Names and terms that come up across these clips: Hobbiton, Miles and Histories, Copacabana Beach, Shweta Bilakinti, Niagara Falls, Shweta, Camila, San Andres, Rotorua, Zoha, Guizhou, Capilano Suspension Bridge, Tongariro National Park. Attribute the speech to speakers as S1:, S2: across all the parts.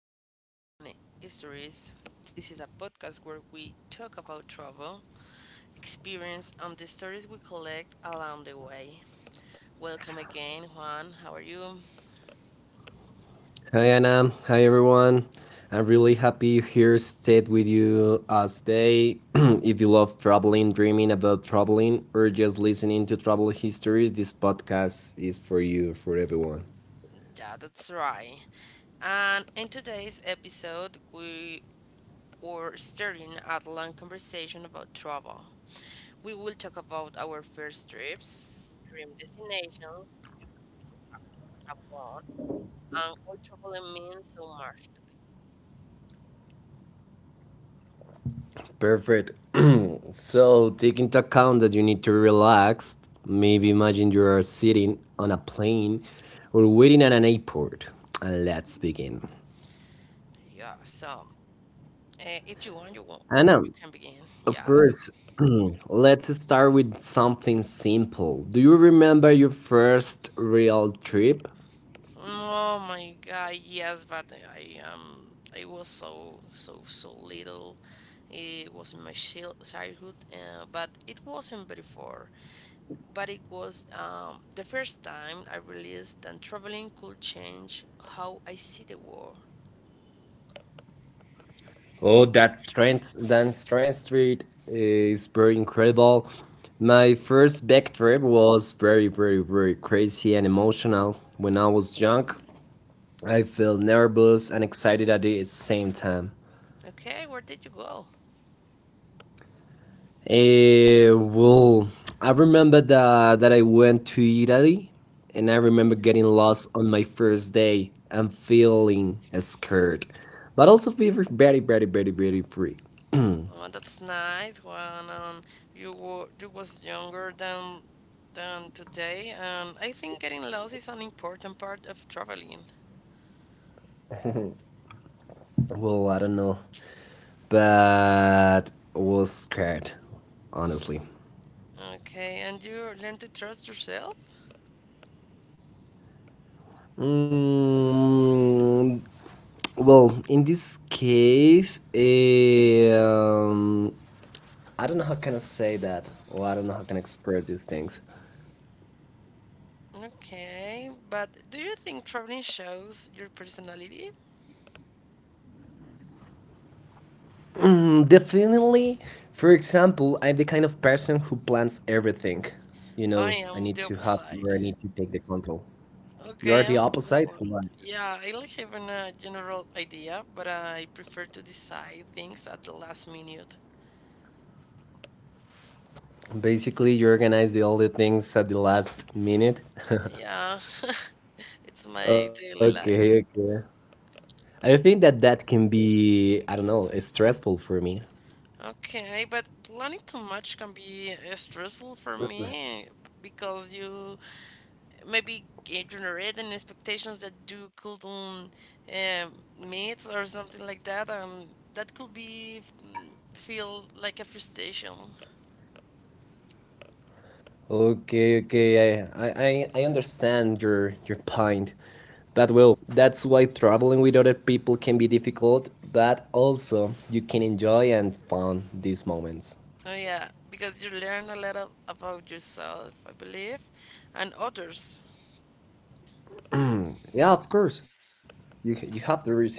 S1: to Miles and Histories. This is a podcast where we talk about travel, experience, and the stories we collect along the way. Welcome again, Juan. How are you?
S2: Hi Anna, hi everyone. I'm really happy here stayed with you today. If you love traveling, dreaming about traveling, or just listening to travel histories, this podcast is for you, for everyone.
S1: Yeah, that's right. And in today's episode, we were starting a long conversation about travel. We will talk about our first trips, dream destinations, if you have one, and old traveling means so much to people.
S2: Perfect. So take into account that you need to relax. Maybe imagine you are sitting on a plane or waiting at an airport. And let's begin.
S1: Yeah, so if you want, you want,
S2: Anna.
S1: you can begin.
S2: Of
S1: Yeah.
S2: course. Let's start with something simple. Do you remember your first real trip?
S1: Oh my God, yes, but I I was so so so little. It was in my childhood, but it wasn't before. But it was the first time I realized that traveling could change how I see the world.
S2: Oh, that strength street is very incredible. My first back trip was very, very, very crazy and emotional. When I was young, I felt nervous and excited at the same time.
S1: Okay, where did you go?
S2: Well, I remember that I went to Italy and I remember
S1: Okay.
S2: getting lost on my first day and feeling scared, but also feeling very, very, very, very free.
S1: Oh, that's nice, Juan. You were you was younger than today, and I think getting lost is an important part of traveling.
S2: Well, I don't know, but was scared, honestly.
S1: Okay, and you learn to trust yourself.
S2: Mm, well, in this case, I don't know how can I say that, or I don't know how can I express these things.
S1: Okay, but do you think traveling shows your personality?
S2: Definitely, for example, I'm the kind of person who plans everything. You
S1: I
S2: know, I
S1: am
S2: need
S1: the
S2: to have where I
S1: opposite.
S2: need to take the control. You are
S1: Okay,
S2: the
S1: I'm the
S2: opposite.
S1: opposite.
S2: Right.
S1: Yeah, I like having a general idea, but I prefer to decide things at the last minute.
S2: Basically, you organize the all the things at the last minute.
S1: Yeah, it's my daily
S2: okay,
S1: life.
S2: okay. I think that that can be, I don't know, it's stressful for me.
S1: Okay, but planning too much can be stressful for me because you maybe generate an expectations that you couldn't eh, meet or something like that, and that could be feel like a frustration.
S2: Okay, okay, I understand your point. But well, that's why traveling with other people can be difficult, but also you can enjoy and fun these moments.
S1: Oh yeah, because you learn a lot of, about yourself, I believe, and others.
S2: Yeah, of course, you have the reason.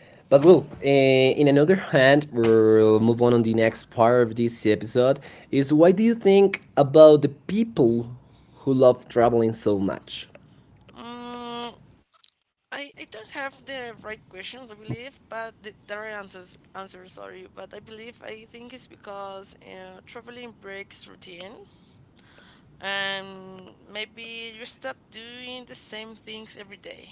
S2: But well, in another hand, we'll move on the next part of this episode. Is why do you think about the people who love traveling so much?
S1: Mm, I don't have the right questions, I believe, but the right answer, sorry. But I believe, I think it's because traveling breaks routine and maybe you stop doing the same things every day.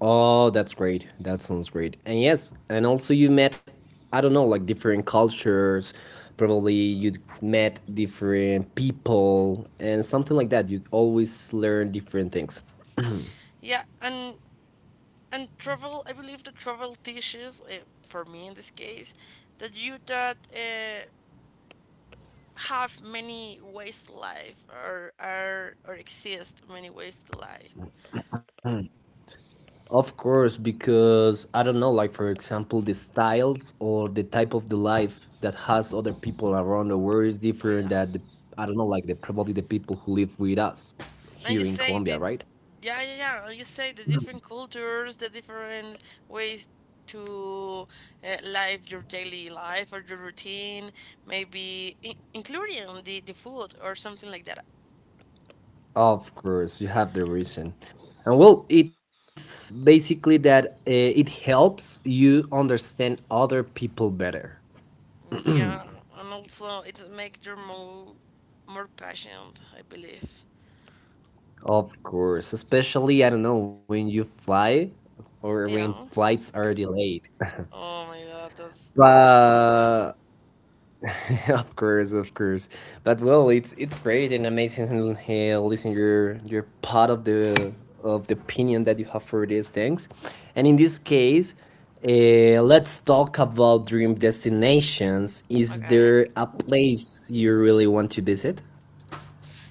S2: Oh, that's great. That sounds great. And yes, and also you met, I don't know, like different cultures. Probably you met different people and something like that. You always learn different things.
S1: Yeah, and travel, I believe the travel teaches, for me in this case, that you don't have many ways to life or exist many ways to life.
S2: Of course, because I don't know, like for example, the styles or the type of the life that has other people around the world is
S1: Oh,
S2: different
S1: yeah.
S2: that the, I don't know, like the probably the people who live with us
S1: And you
S2: here in
S1: say that.
S2: Colombia, right?
S1: Yeah, yeah, yeah. Like you say the different cultures, the different ways to live your daily life or your routine, maybe in including the food or something like that.
S2: Of course, you have the reason. And well, it's basically that it helps you understand other people better.
S1: Yeah, and also it makes you more patient, I believe.
S2: Of course, especially, I don't know, when you fly or when
S1: Yeah.
S2: flights are delayed.
S1: Oh my God, that's really really bad.
S2: but of course, of course. But well, it's great and amazing listening your part of the opinion that you have for these things. And in this case, let's talk about dream destinations. Is
S1: Okay.
S2: there a place you really want to visit?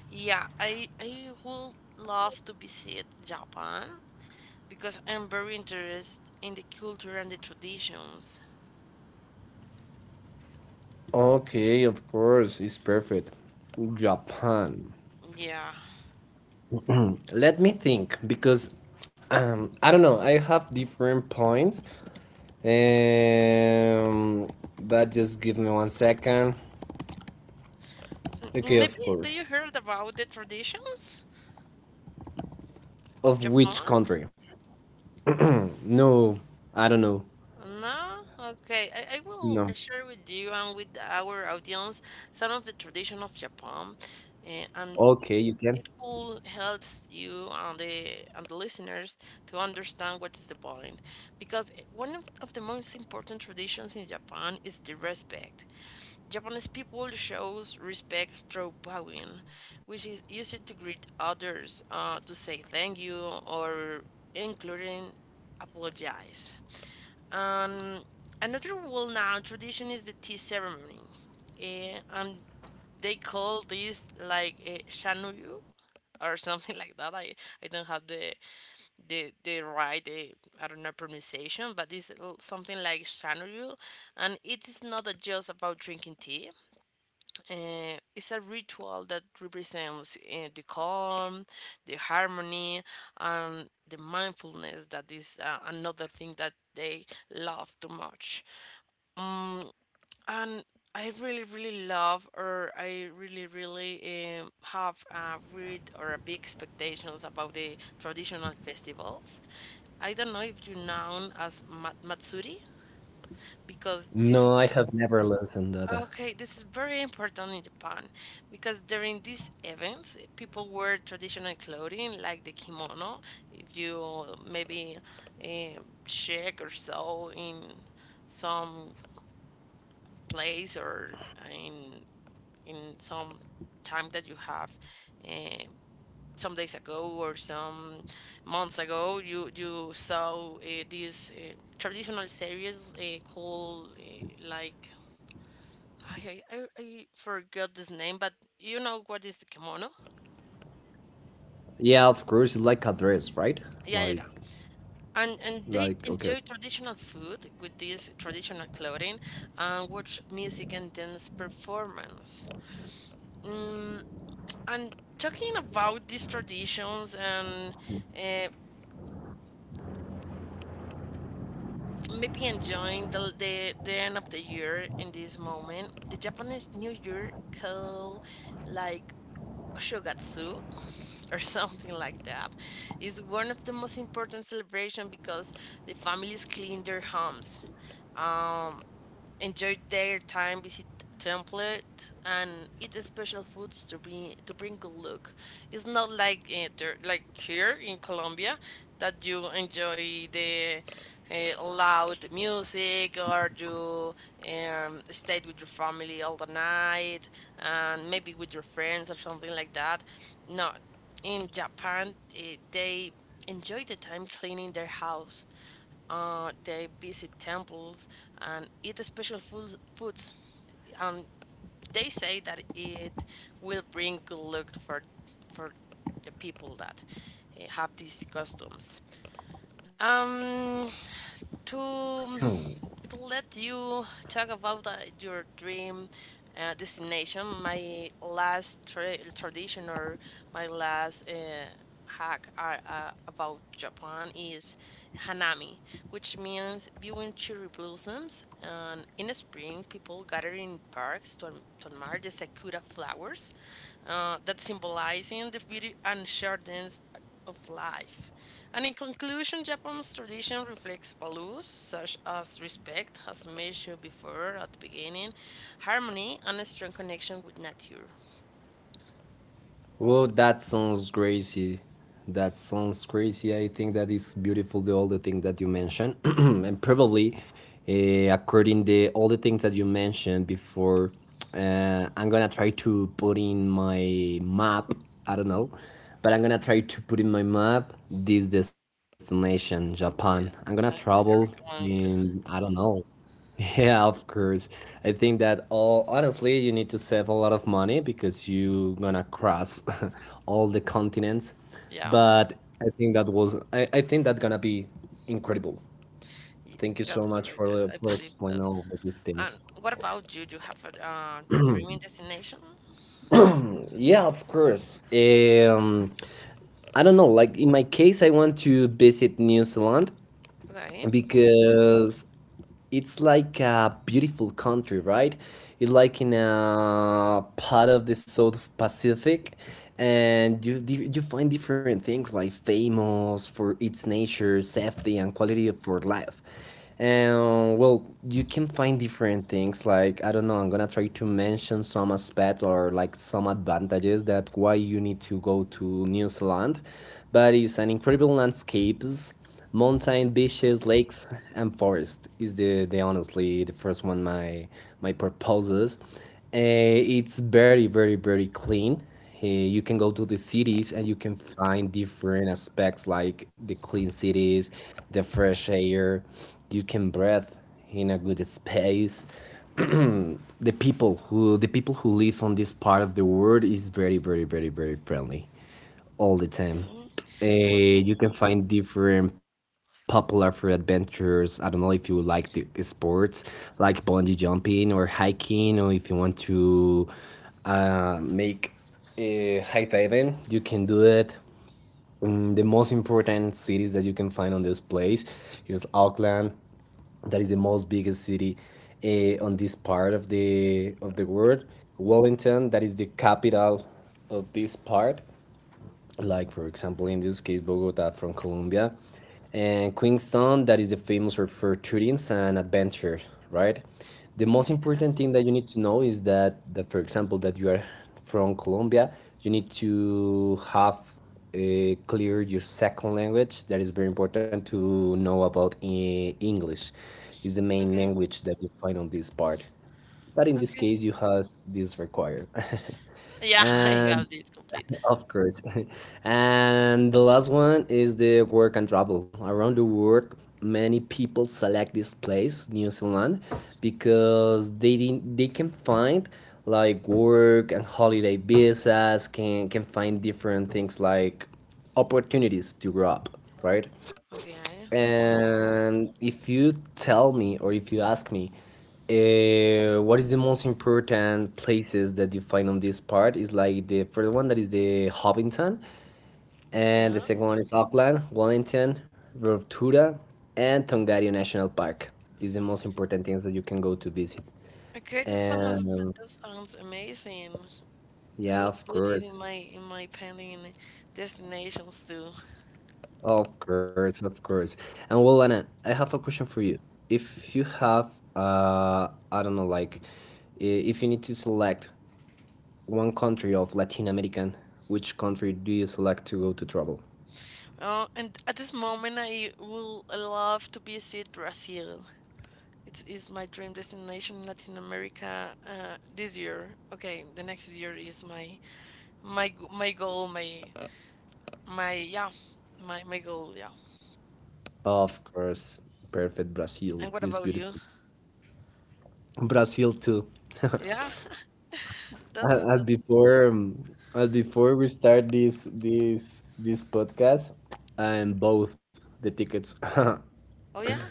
S1: Yeah, I would love to visit Japan because I'm very interested in the culture and the traditions.
S2: Okay, of course, it's perfect. Japan.
S1: Yeah.
S2: Let me think because I don't know. I have different points. Um, but just give me one second. Okay,
S1: Maybe
S2: of
S1: do
S2: course.
S1: you heard about the traditions of
S2: Of which
S1: Japan?
S2: country? No, I don't know.
S1: No? Okay. I will
S2: No.
S1: share with you and with our audience some of the tradition of Japan. And
S2: Okay, you
S1: it
S2: can.
S1: will helps you and the listeners to understand what is the point because one of the most important traditions in Japan is the respect. Japanese people shows respect through bowing, which is used to greet others, to say thank you, or including apologize. Um, another well-known tradition is the tea ceremony. And they call this like a shanuyu or something like that. I don't have the right I don't know pronunciation, but it's something like Shanryu, and it is not just about drinking tea. It's a ritual that represents the calm, the harmony, and the mindfulness. That is another thing that they love too much. And I really, really love, or I really, really have a read or a big expectations about the traditional festivals. I don't know if you know as Matsuri, because this,
S2: No, I have never lived in that.
S1: okay, this is very important in Japan because during these events, people wear traditional clothing like the kimono. If you maybe check or so in some place or in in some time that you have eh, some days ago or some months ago you saw this traditional series called like, I forgot this name, but you know what is the kimono.
S2: Yeah, of course. It's like a dress, right?
S1: Yeah, yeah,
S2: Like,
S1: yeah. And they
S2: like. Okay.
S1: enjoy traditional food with this traditional clothing and watch music and dance performance and talking about these traditions, and uh, maybe enjoying the end of the year in this moment. The Japanese New Year called like Shogatsu or something like that is one of the most important celebration because the families clean their homes, enjoy their time, visit template and eat special foods to bring good luck. It's not like like here in Colombia that you enjoy the loud music or you stayed with your family all the night and maybe with your friends or something like that. No, in Japan they enjoy the time cleaning their house, they visit temples and eat special foods, foods. And they say that it will bring good luck for for the people that have these customs. Um, to let you talk about your dream destination, my last tradition or my last hack are, about Japan is hanami, which means viewing cherry blossoms. And in spring, people gather in parks to, to admire the sakura flowers that symbolizing the beauty and shardens of life. And in conclusion, Japan's tradition reflects values such as respect, as mentioned before at the beginning, harmony, and a strong connection with nature.
S2: Well, that sounds crazy. That sounds crazy. I think that is beautiful. The all the things that you mentioned, and probably according the all the things that you mentioned before, I'm gonna try to put in my map. I don't know, but I'm gonna try to put in my map this destination, Japan. I'm gonna
S1: Yeah, I,
S2: travel
S1: I recommend
S2: in
S1: you.
S2: I don't know. Yeah, of course. I think that all honestly, you need to save a lot of money because you gonna cross all the continents.
S1: Yeah,
S2: But I think that was I think that gonna be incredible.
S1: y-
S2: Thank you so
S1: that's all
S2: much
S1: right.
S2: for
S1: I
S2: for
S1: believe that.
S2: explaining all of these
S1: And
S2: things.
S1: what about you? Do you have a dreaming destination?
S2: Yeah, of course. I don't know. Like in my case, I want to visit New Zealand
S1: Okay.
S2: because it's like a beautiful country, right? It's like in a part of the South Pacific, and you find different things like famous for its nature, safety, and quality of for life. And well, you can find different things like I don't know. I'm gonna try to mention some aspects or like some advantages that why you need to go to New Zealand, but it's an incredible landscapes, mountain,
S1: Okay.
S2: beaches, lakes and forest is the honestly the first one, my proposes. It's very very very clean. You can go to the cities and you can find different aspects like the clean cities, the fresh air you can breathe in a good space. The people who live on this part of the world is very very very very friendly all the time.
S1: Okay.
S2: You can find different popular for adventures. I don't know if you like the sports like bungee jumping or hiking, or if you want to make high diving, you can do it. Mm, the most important cities that you can find on this place is Auckland, that is the most biggest city on this part of the world. Wellington, that is the capital of this part, like for example in this case Bogota from Colombia, and Queenstown, that is famous for tourism and adventure, right? The most
S1: Okay.
S2: important thing that you need to know is that, that for example that you are from Colombia, you need to have clear your second language. That is very important to know about in English. Is the main
S1: Okay.
S2: language that you find on this part. But in this
S1: Okay.
S2: case, you has this required.
S1: Yeah, I got
S2: And
S1: it complete.
S2: of course. And the last one is the work and travel. Around the world, many people select this place, New Zealand, because they didn't, they can find like work and holiday visas, can find different things like opportunities to grow up, right?
S1: Okay. Oh,
S2: And if you tell me or if you ask me, what is the most important places that you find on this part is like the first one that is the Hobbiton, and
S1: okay.
S2: the second one is Auckland, Wellington, Rotorua, and Tongario National Park is the most important things that you can go to visit.
S1: Okay, that sounds
S2: And
S1: that sounds amazing. I will
S2: yeah, of
S1: put it in
S2: course.
S1: my pending destinations too.
S2: Of course, of course. And well, Anna, I have a question for you. If you have, I don't know, like, if you need to select one country of Latin American, which country do you select to go to travel?
S1: Oh, and at this moment, I will love to visit Brazil. It is my dream destination in Latin America. This year, okay, the next year is my goal, my yeah, my goal, yeah.
S2: Of course, perfect. Brazil
S1: And what
S2: is
S1: about you?
S2: beautiful. Brazil too.
S1: Yeah, that
S2: A-
S1: is
S2: As
S1: that.
S2: before, as before we start this podcast, I'm both the tickets.
S1: Oh yeah.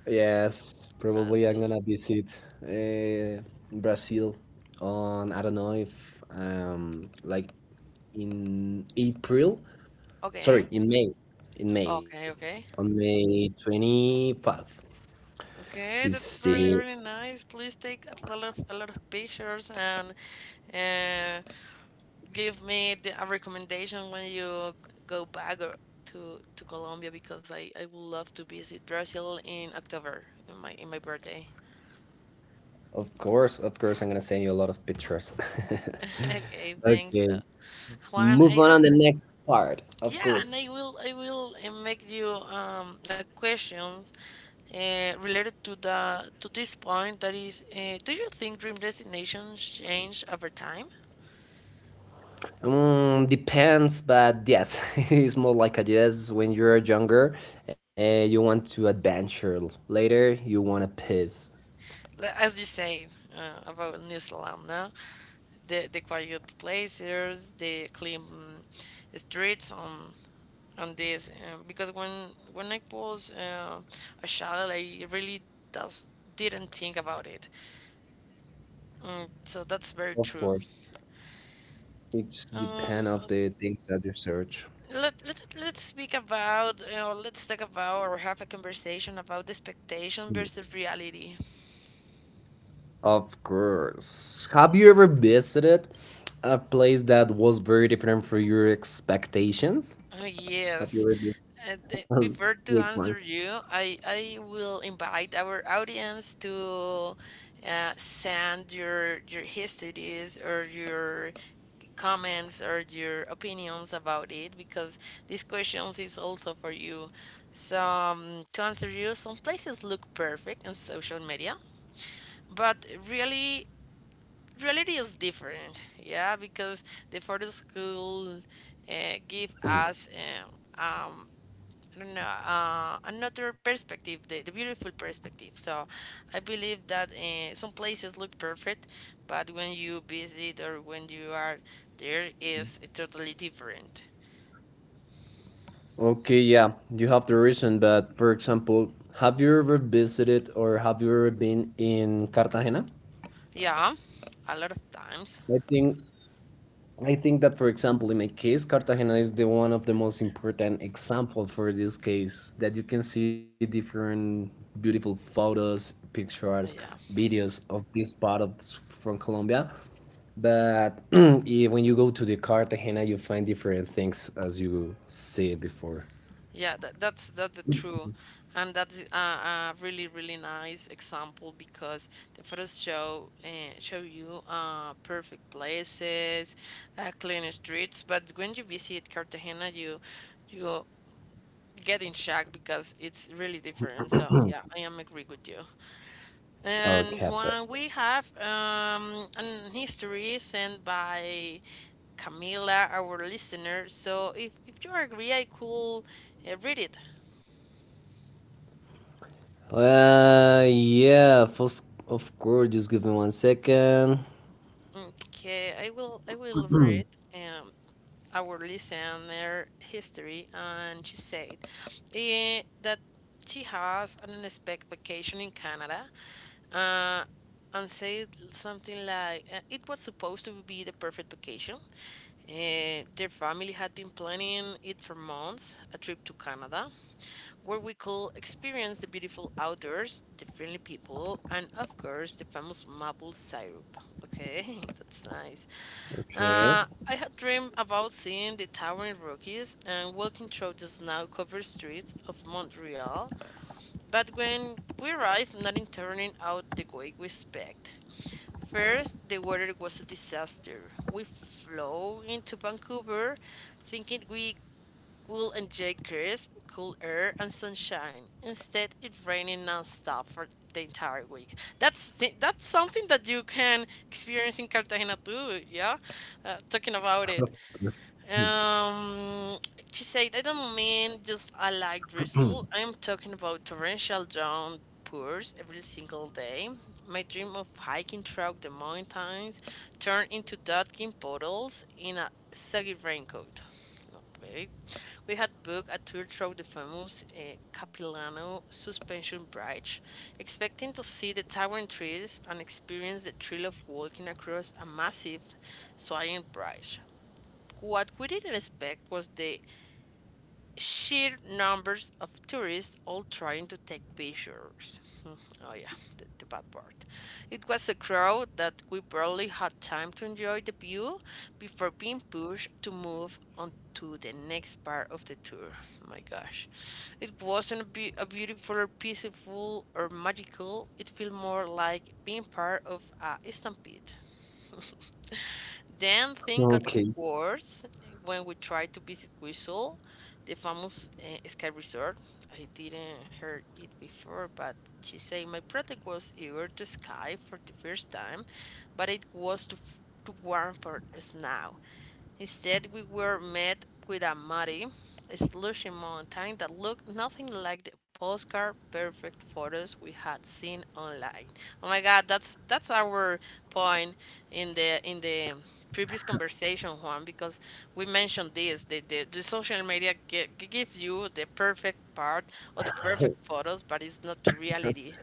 S2: Yes,
S1: Uh,
S2: probably I'm
S1: to,
S2: gonna visit uh, Brazil on I don't know if like in April. Sorry,
S1: okay,
S2: in May. In May.
S1: okay,
S2: On
S1: okay.
S2: May 25th
S1: Okay,
S2: is
S1: that's
S2: the.
S1: really really nice. Please take a lot of pictures and uh, give me a recommendation when you go back or to Colombia because I would love to visit Brazil in October in my birthday.
S2: Of course I'm gonna send you a lot of pictures.
S1: Okay, thanks,
S2: Okay.
S1: Juan.
S2: Move
S1: I
S2: on
S1: have
S2: on the next part. Of
S1: yeah,
S2: course.
S1: and I will make you a questions related to the to this point that is, do you think dream destinations change over time?
S2: Mm, depends, but yes, it's more like a yes when you're younger and you want to adventure. Later, you want to piss.
S1: As you say about New Zealand, no? The quiet places, the clean streets on this. Because when I was a child, I really does didn't think about it. Mm, so that's
S2: Of
S1: very
S2: course,
S1: true.
S2: it's depend
S1: Um,
S2: of the things that you search.
S1: let let's speak about let's talk about or have a conversation about the expectation versus reality.
S2: Of course. Have you ever visited a place that was very different from your expectations?
S1: Oh,
S2: Have you
S1: yes.
S2: ever visited?
S1: Before to
S2: Which one?
S1: answer you, I will invite our audience to send your histories or your comments or your opinions about it because these questions is also for you. So to answer you, some places look perfect on social media, but really reality is different. Yeah, because the photos could give us. Um, I don't know, another perspective, the beautiful perspective. So I believe that some places look perfect, but when you visit or when you are there, is totally different.
S2: Okay, yeah, you have the reason, but for example, have you ever visited or have you ever been in Cartagena?
S1: Yeah, a lot of times.
S2: I think I think that for example in my case Cartagena is the one of the most important example for this case that you can see different beautiful photos, pictures,
S1: Yeah,
S2: videos of this part of from Colombia. But when you go to the Cartagena you find different things as you see before.
S1: yeah, that's the true, and that's a really really nice example because the photos show show you perfect places, clean streets. But when you visit Cartagena, you getting shagged because it's really different. So yeah, I am agree with you. And
S2: Okay, perfect.
S1: one we have an history sent by Camila, our listener. So if you agree, I could read it.
S2: Yeah, first, of course, just give me one second.
S1: Okay, I will read um our listener history, and she said that she has an unexpected vacation in Canada, uh, and said something like, it was supposed to be the perfect vacation. Their family had been planning it for months, a trip to Canada, where we could experience the beautiful outdoors, the friendly people, and of course, the famous maple syrup. Okay, that's nice.
S2: Okay.
S1: I had dreamed about seeing the towering Rockies and walking through the snow covered streets of Montreal, but when we arrived, nothing turning out the way we expect. First, the weather was a disaster. We flew into Vancouver thinking we would enjoy crisp, cool air and sunshine. Instead, it rained nonstop for the entire week. That's that's something that you can experience in Cartagena too, yeah? Talking about it.
S2: Of course.
S1: Um, she said, I don't mean just a light drizzle. I'm talking about torrential downpours every single day. My dream of hiking through the mountains turned into ducking puddles in a soggy raincoat. Okay. We had booked a tour through the famous Capilano Suspension Bridge, expecting to see the towering trees and experience the thrill of walking across a massive swaying bridge. What we didn't expect was the sheer numbers of tourists all trying to take pictures. Oh, yeah, the bad part. It was a crowd that we barely had time to enjoy the view before being pushed to move on to the next part of the tour. My gosh. It wasn't a beautiful or peaceful or magical. It felt more like being part of a stampede. Then things got
S2: Okay.
S1: worse when we tried to visit Guizhou, the famous ski resort. I didn't heard it before, but she said my brother was eager to ski for the first time, but it was too warm for us now. Instead, we were met with a muddy, slushy mountain that looked nothing like the postcard perfect photos we had seen online. Oh my God, that's our point in the previous conversation, Juan, because we mentioned this. The social media gives you the perfect part or the perfect photos, but it's not the reality.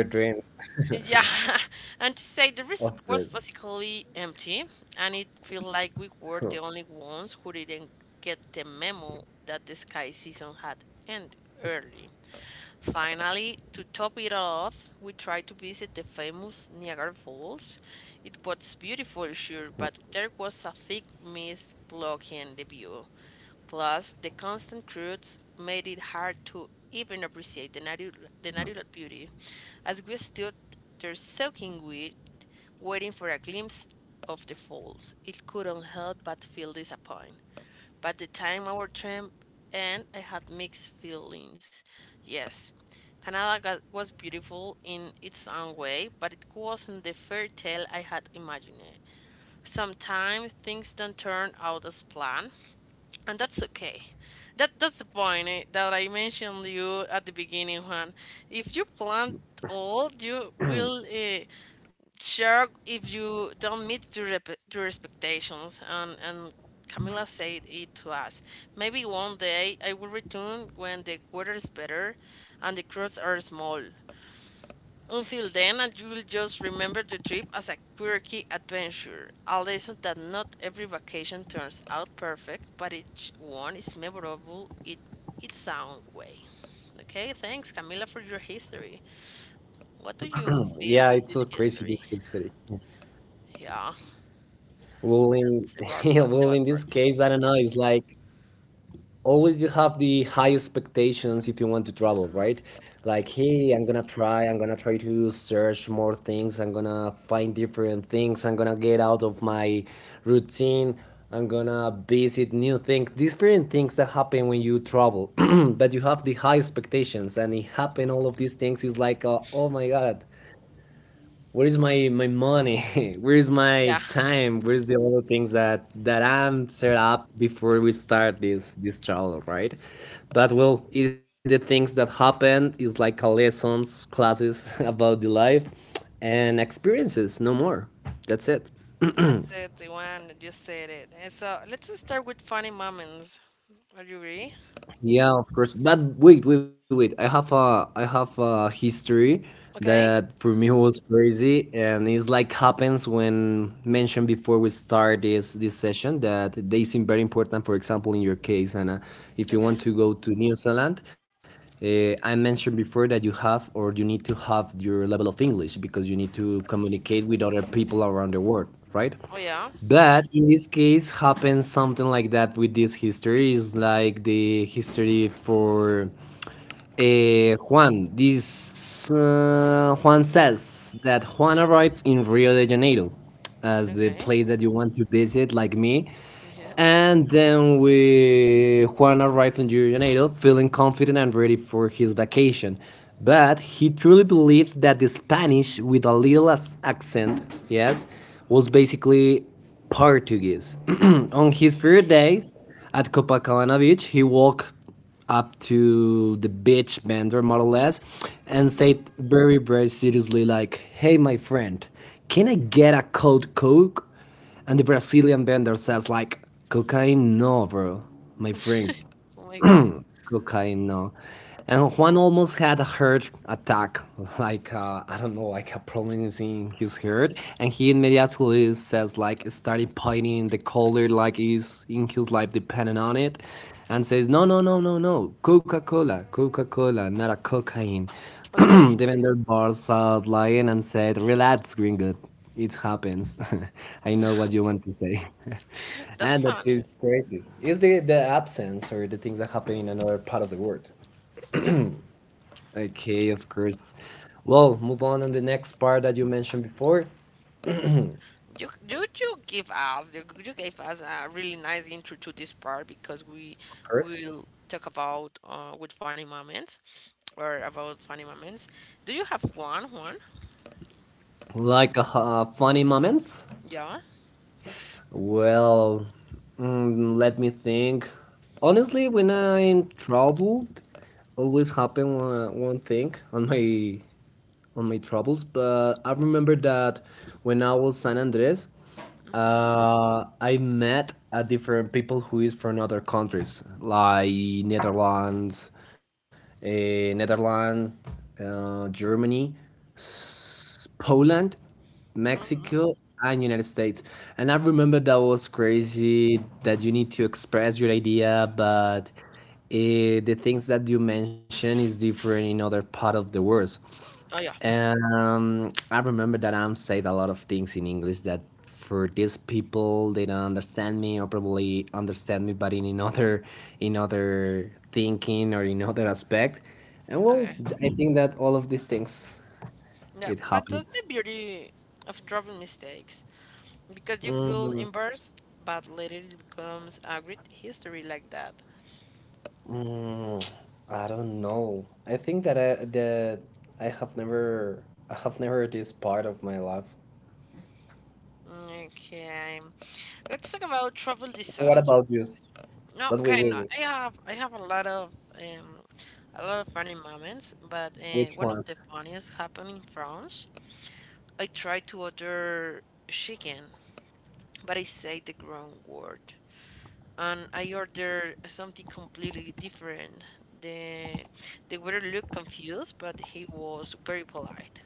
S2: In your dreams.
S1: Yeah, and to say the resort was
S2: After,
S1: basically empty, and it felt like we were the only ones who didn't get the memo that the sky season had ended early. Finally, to top it all off, we tried to visit the famous Niagara Falls. It was beautiful, sure, but there was a thick mist blocking the view. Plus, the constant crowds made it hard to even appreciate the natural beauty, as we stood there soaking wet, waiting for a glimpse of the falls. It couldn't help but feel disappointed. But the time our tramp and I had mixed feelings. Yes, Canada got, was beautiful in its own way, but it wasn't the fairy tale I had imagined. Sometimes things don't turn out as planned, and that's okay, that's the point that I mentioned you at the beginning, Juan. If you plant old you will share if you don't meet your, your expectations and Camila said it to us, maybe one day I will return when the weather is better and the crops are small. Until then, and you will just remember the trip as a quirky adventure, a lesson that not every vacation turns out perfect, but each one is memorable in its own way. Okay, thanks, Camila, for your history. What do you feel
S2: yeah,
S1: with
S2: it's
S1: this
S2: so crazy
S1: history?
S2: Discord city.
S1: Yeah,
S2: Well, in
S1: that's the bad part.
S2: well,
S1: The bad
S2: in this
S1: part.
S2: case, I don't know. It's like always you have the high expectations if you want to travel,
S1: Mhm.
S2: right? Like, hey, I'm gonna try. I'm gonna try to search more things. I'm gonna find different things. I'm gonna get out of my routine. I'm gonna visit new things, different things that happen when you travel, but you have the high expectations, and it happen all of these things is like, oh my god, where is my money? Where is my
S1: Yeah,
S2: time? Where is the other things that I'm set up before we start this travel, right? But well, it's the things that happened. It's like a lessons, classes about the life, and experiences. No more. That's it.
S1: that's it, the one that you said it. And so let's start with funny moments. Are you agree?
S2: Yeah, of course. But wait, wait, wait. I have a history
S1: Okay.
S2: that for me was crazy, and it's like happens when mentioned before we start this session that they seem very important. For example, in your case, Anna, if you
S1: Okay.
S2: want to go to New Zealand, I mentioned before that you have or you need to have your level of English because you need to communicate with other people around the world, right?
S1: Oh yeah.
S2: But in this case, happens something like that with this history. Is like the history for Eh, Juan, this Juan says that Juan arrived in Rio de Janeiro as the
S1: Okay.
S2: place that you want to visit, like me.
S1: Yeah.
S2: And then we Juan arrived in Rio de Janeiro feeling confident and ready for his vacation. But he truly believed that the Spanish with a little accent, yes, was basically Portuguese. On his third
S1: Okay.
S2: day at Copacabana Beach, he walked up to the beach vendor more or less and
S1: Mhm.
S2: said very very seriously, like, "Hey my friend, can I get a cold Coke?" And the Brazilian vendor says, like, "Cocaine? No, bro, my friend,
S1: Oh my god.
S2: cocaine no." And Juan almost had a heart attack, like I don't know, like a problem in his heart, and he immediately says, like, started pointing the color like is in his life depending on it, and says, "No, no, no, no, no, Coca-Cola, Coca-Cola, not a cocaine."
S1: Okay.
S2: The vendor bars out lying and said, "Relax, gringo, it happens." I know what you
S1: Okay.
S2: want to say.
S1: That's
S2: And that
S1: funny.
S2: is crazy. It's the absence or the things that happen in another part of the world.
S1: Yeah.
S2: Okay, of course. Well, move on the next part that you mentioned before.
S1: You give you gave us a really nice intro to this part because we
S2: Of course.
S1: will talk about with funny moments or about funny moments. Do you have one?
S2: Like funny moments?
S1: Yeah.
S2: Well, let me think. Honestly, when I'm troubled, always happen one thing on my travels, but I remember that when I was San Andres,
S1: Mm-hmm.
S2: I met a different people who is from other countries like Netherlands, Netherlands, Germany, Poland,
S1: Mm-hmm.
S2: Mexico, and United States. And I remember that was crazy that you need to express your idea, but the things that you mention is different in other part of the world.
S1: Oh yeah.
S2: I remember that I'm said a lot of things in English that for these people they don't understand me or probably understand me, but in another in other thinking or in other aspect. And well,
S1: Okay.
S2: I think that all of these things
S1: Yeah,
S2: it
S1: but that's
S2: happens.
S1: the beauty of dropping mistakes because you feel
S2: Mm,
S1: embarrassed, but later it becomes a great history like that.
S2: mm, I don't know. I think that I have never this part of my life.
S1: Okay. Let's talk about travel
S2: What about
S1: disasters.
S2: you?
S1: No,
S2: But wait,
S1: okay, no,
S2: wait, wait.
S1: I have um a lot of funny moments, but
S2: Which
S1: one of
S2: one?
S1: the funniest happened in France. I tried to order chicken, but I said the wrong word. And I ordered something completely different. The the waiter looked confused, but he was very polite.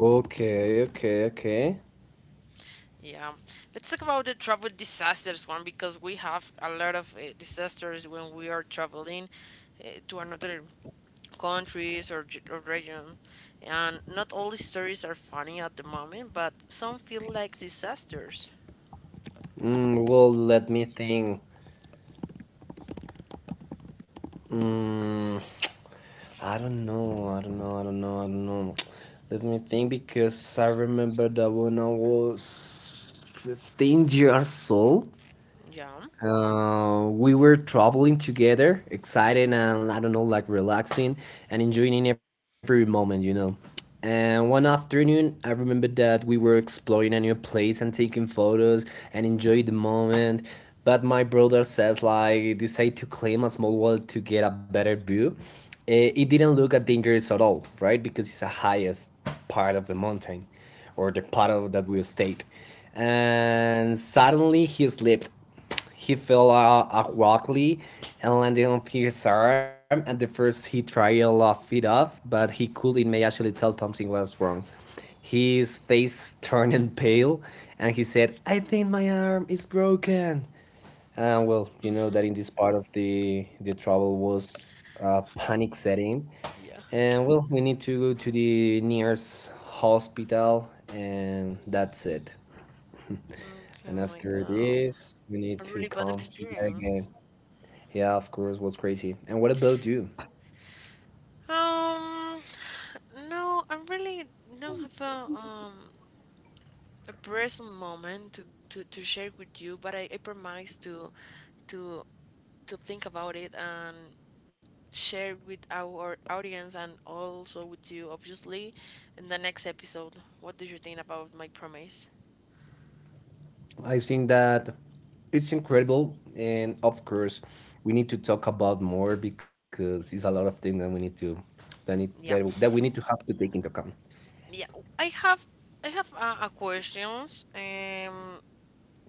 S2: Okay, okay, okay.
S1: Yeah, let's talk about the travel disasters one because we have a lot of disasters when we are traveling to another countries, or region, and not all stories are funny at the moment, but some feel like disasters.
S2: Well, let me think. Mm, I don't know. I don't know. I don't know. I don't know. Let me think because I remember that when I was 15 years old,
S1: Yeah.
S2: We were traveling together, excited and I don't know, like relaxing and enjoying every moment, you know. And one afternoon, I remember that we were exploring a new place and taking photos and enjoy the moment. But my brother says like decide to climb a small wall to get a better view. Eh, it didn't look at dangerous at all, right? Because it's the highest part of the mountain or the part of that we stayed. And suddenly he slipped, he fell awkwardly and landed on his arm. At the first, he tried to laugh it off, but he couldn't may actually tell something was wrong. His face turned pale, and he said, "I think my arm is broken." And well, you know that in this part of the trouble was panic setting,
S1: Yeah.
S2: and well, we need to go to the nearest hospital, and that's it.
S1: Okay,
S2: And
S1: oh my
S2: after
S1: God,
S2: this, we need
S1: a
S2: to
S1: really bad
S2: come here
S1: experience.
S2: again. Yeah, of course, was crazy. And what about you?
S1: Um, no, I really don't have a present moment to to share with you, but I promise to to to think about it and share with our audience and also with you, obviously, in the next episode. What do you think about my promise?
S2: I think that it's incredible, and of course, we need to talk about more because it's a lot of things that we need to that need,
S1: Yeah,
S2: that we need to have to take into account.
S1: yeah. I have I have a questions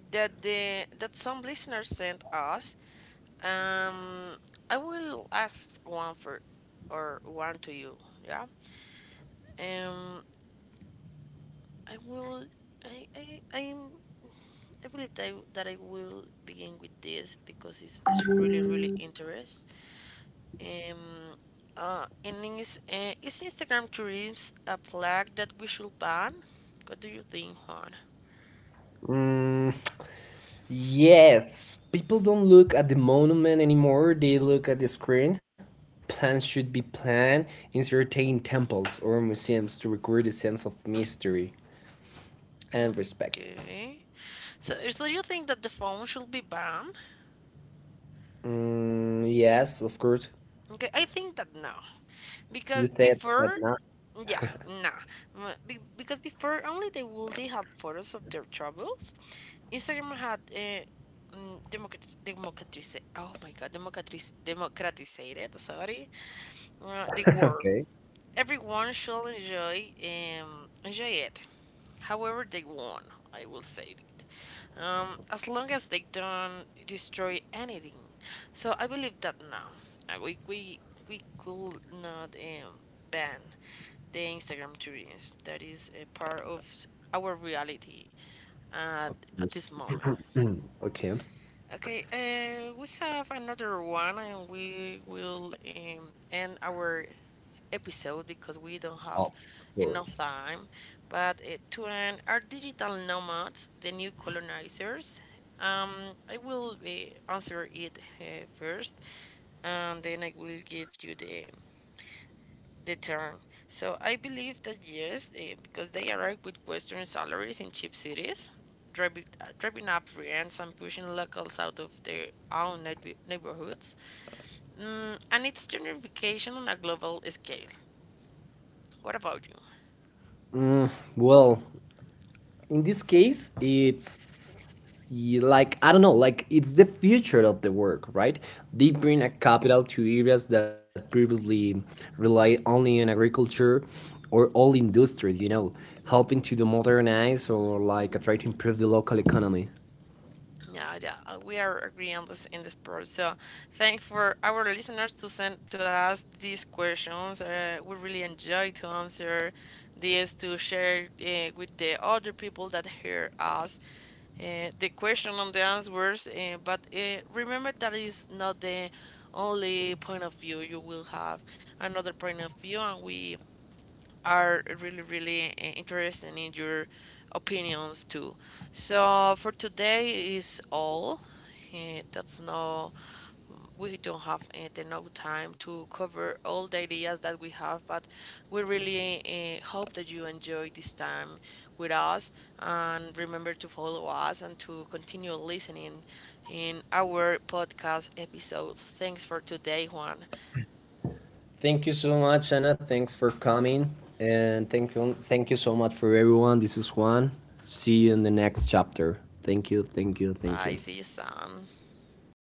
S1: that the that some listeners sent us. Um, I will ask one for or one to you. Yeah. Um, I will. I I I'm I believe that that I will begin with this because it's really really interest. Um, and is Instagram tourism a flag that we should ban? What do you think, Juan?
S2: Mm, yes, people don't look at the monument anymore; they look at the screen. Plans should be planned in certain temples or museums to recreate a sense of mystery and respect.
S1: Okay. So, so you think that the phone should be banned?
S2: Yes, of course.
S1: Okay, I think that no. Because
S2: You said
S1: before,
S2: that now.
S1: yeah, nah. Because before, only the wealthy had photos of their travels. Instagram had democratize. Oh my god, democratize democratizated. Sorry, the world.
S2: Okay.
S1: Everyone shall enjoy enjoy it. However, they want. I will say it, as long as they don't destroy anything. So I believe that now we could not ban the Instagram tourism that is a part of our reality at at
S2: Yes,
S1: this moment.
S2: okay.
S1: Okay, we have another one, and we will end our episode because we don't have
S2: Of course.
S1: enough time. But to an our digital nomads, the new colonizers, um, I will answer it first, and then I will give you the term. So I believe that yes, because they arrive with Western salaries in cheap cities, driving up rents and pushing locals out of their own neighborhoods. Mm, and it's gentrification on a global scale. What about you?
S2: Well, in this case, it's like I don't know, like it's the future of the work, right? They bring
S1: Okay.
S2: a capital to areas that previously relied only on agriculture or all industries, you know, helping to the modernize or like try to improve the local economy.
S1: Yeah, yeah, we are agreeing on this in this part. So, thank for our listeners to send to us these questions. We really enjoy to answer this to share with the other people that hear us the question and the answers. But remember that is not the only point of view. You will have another point of view, and we are really, really interested in your opinions too. So for today is all. That's no, we don't have the no time to cover all the ideas that we have, but we really hope that you enjoy this time with us and remember to follow us and to continue listening in our podcast episodes. Thanks for today, Juan.
S2: Thank you so much, Anna. Thanks for coming, and thank you so much for everyone. This is Juan. See you in the next chapter. Thank you, thank you, thank
S1: Bye.
S2: you.
S1: See you soon.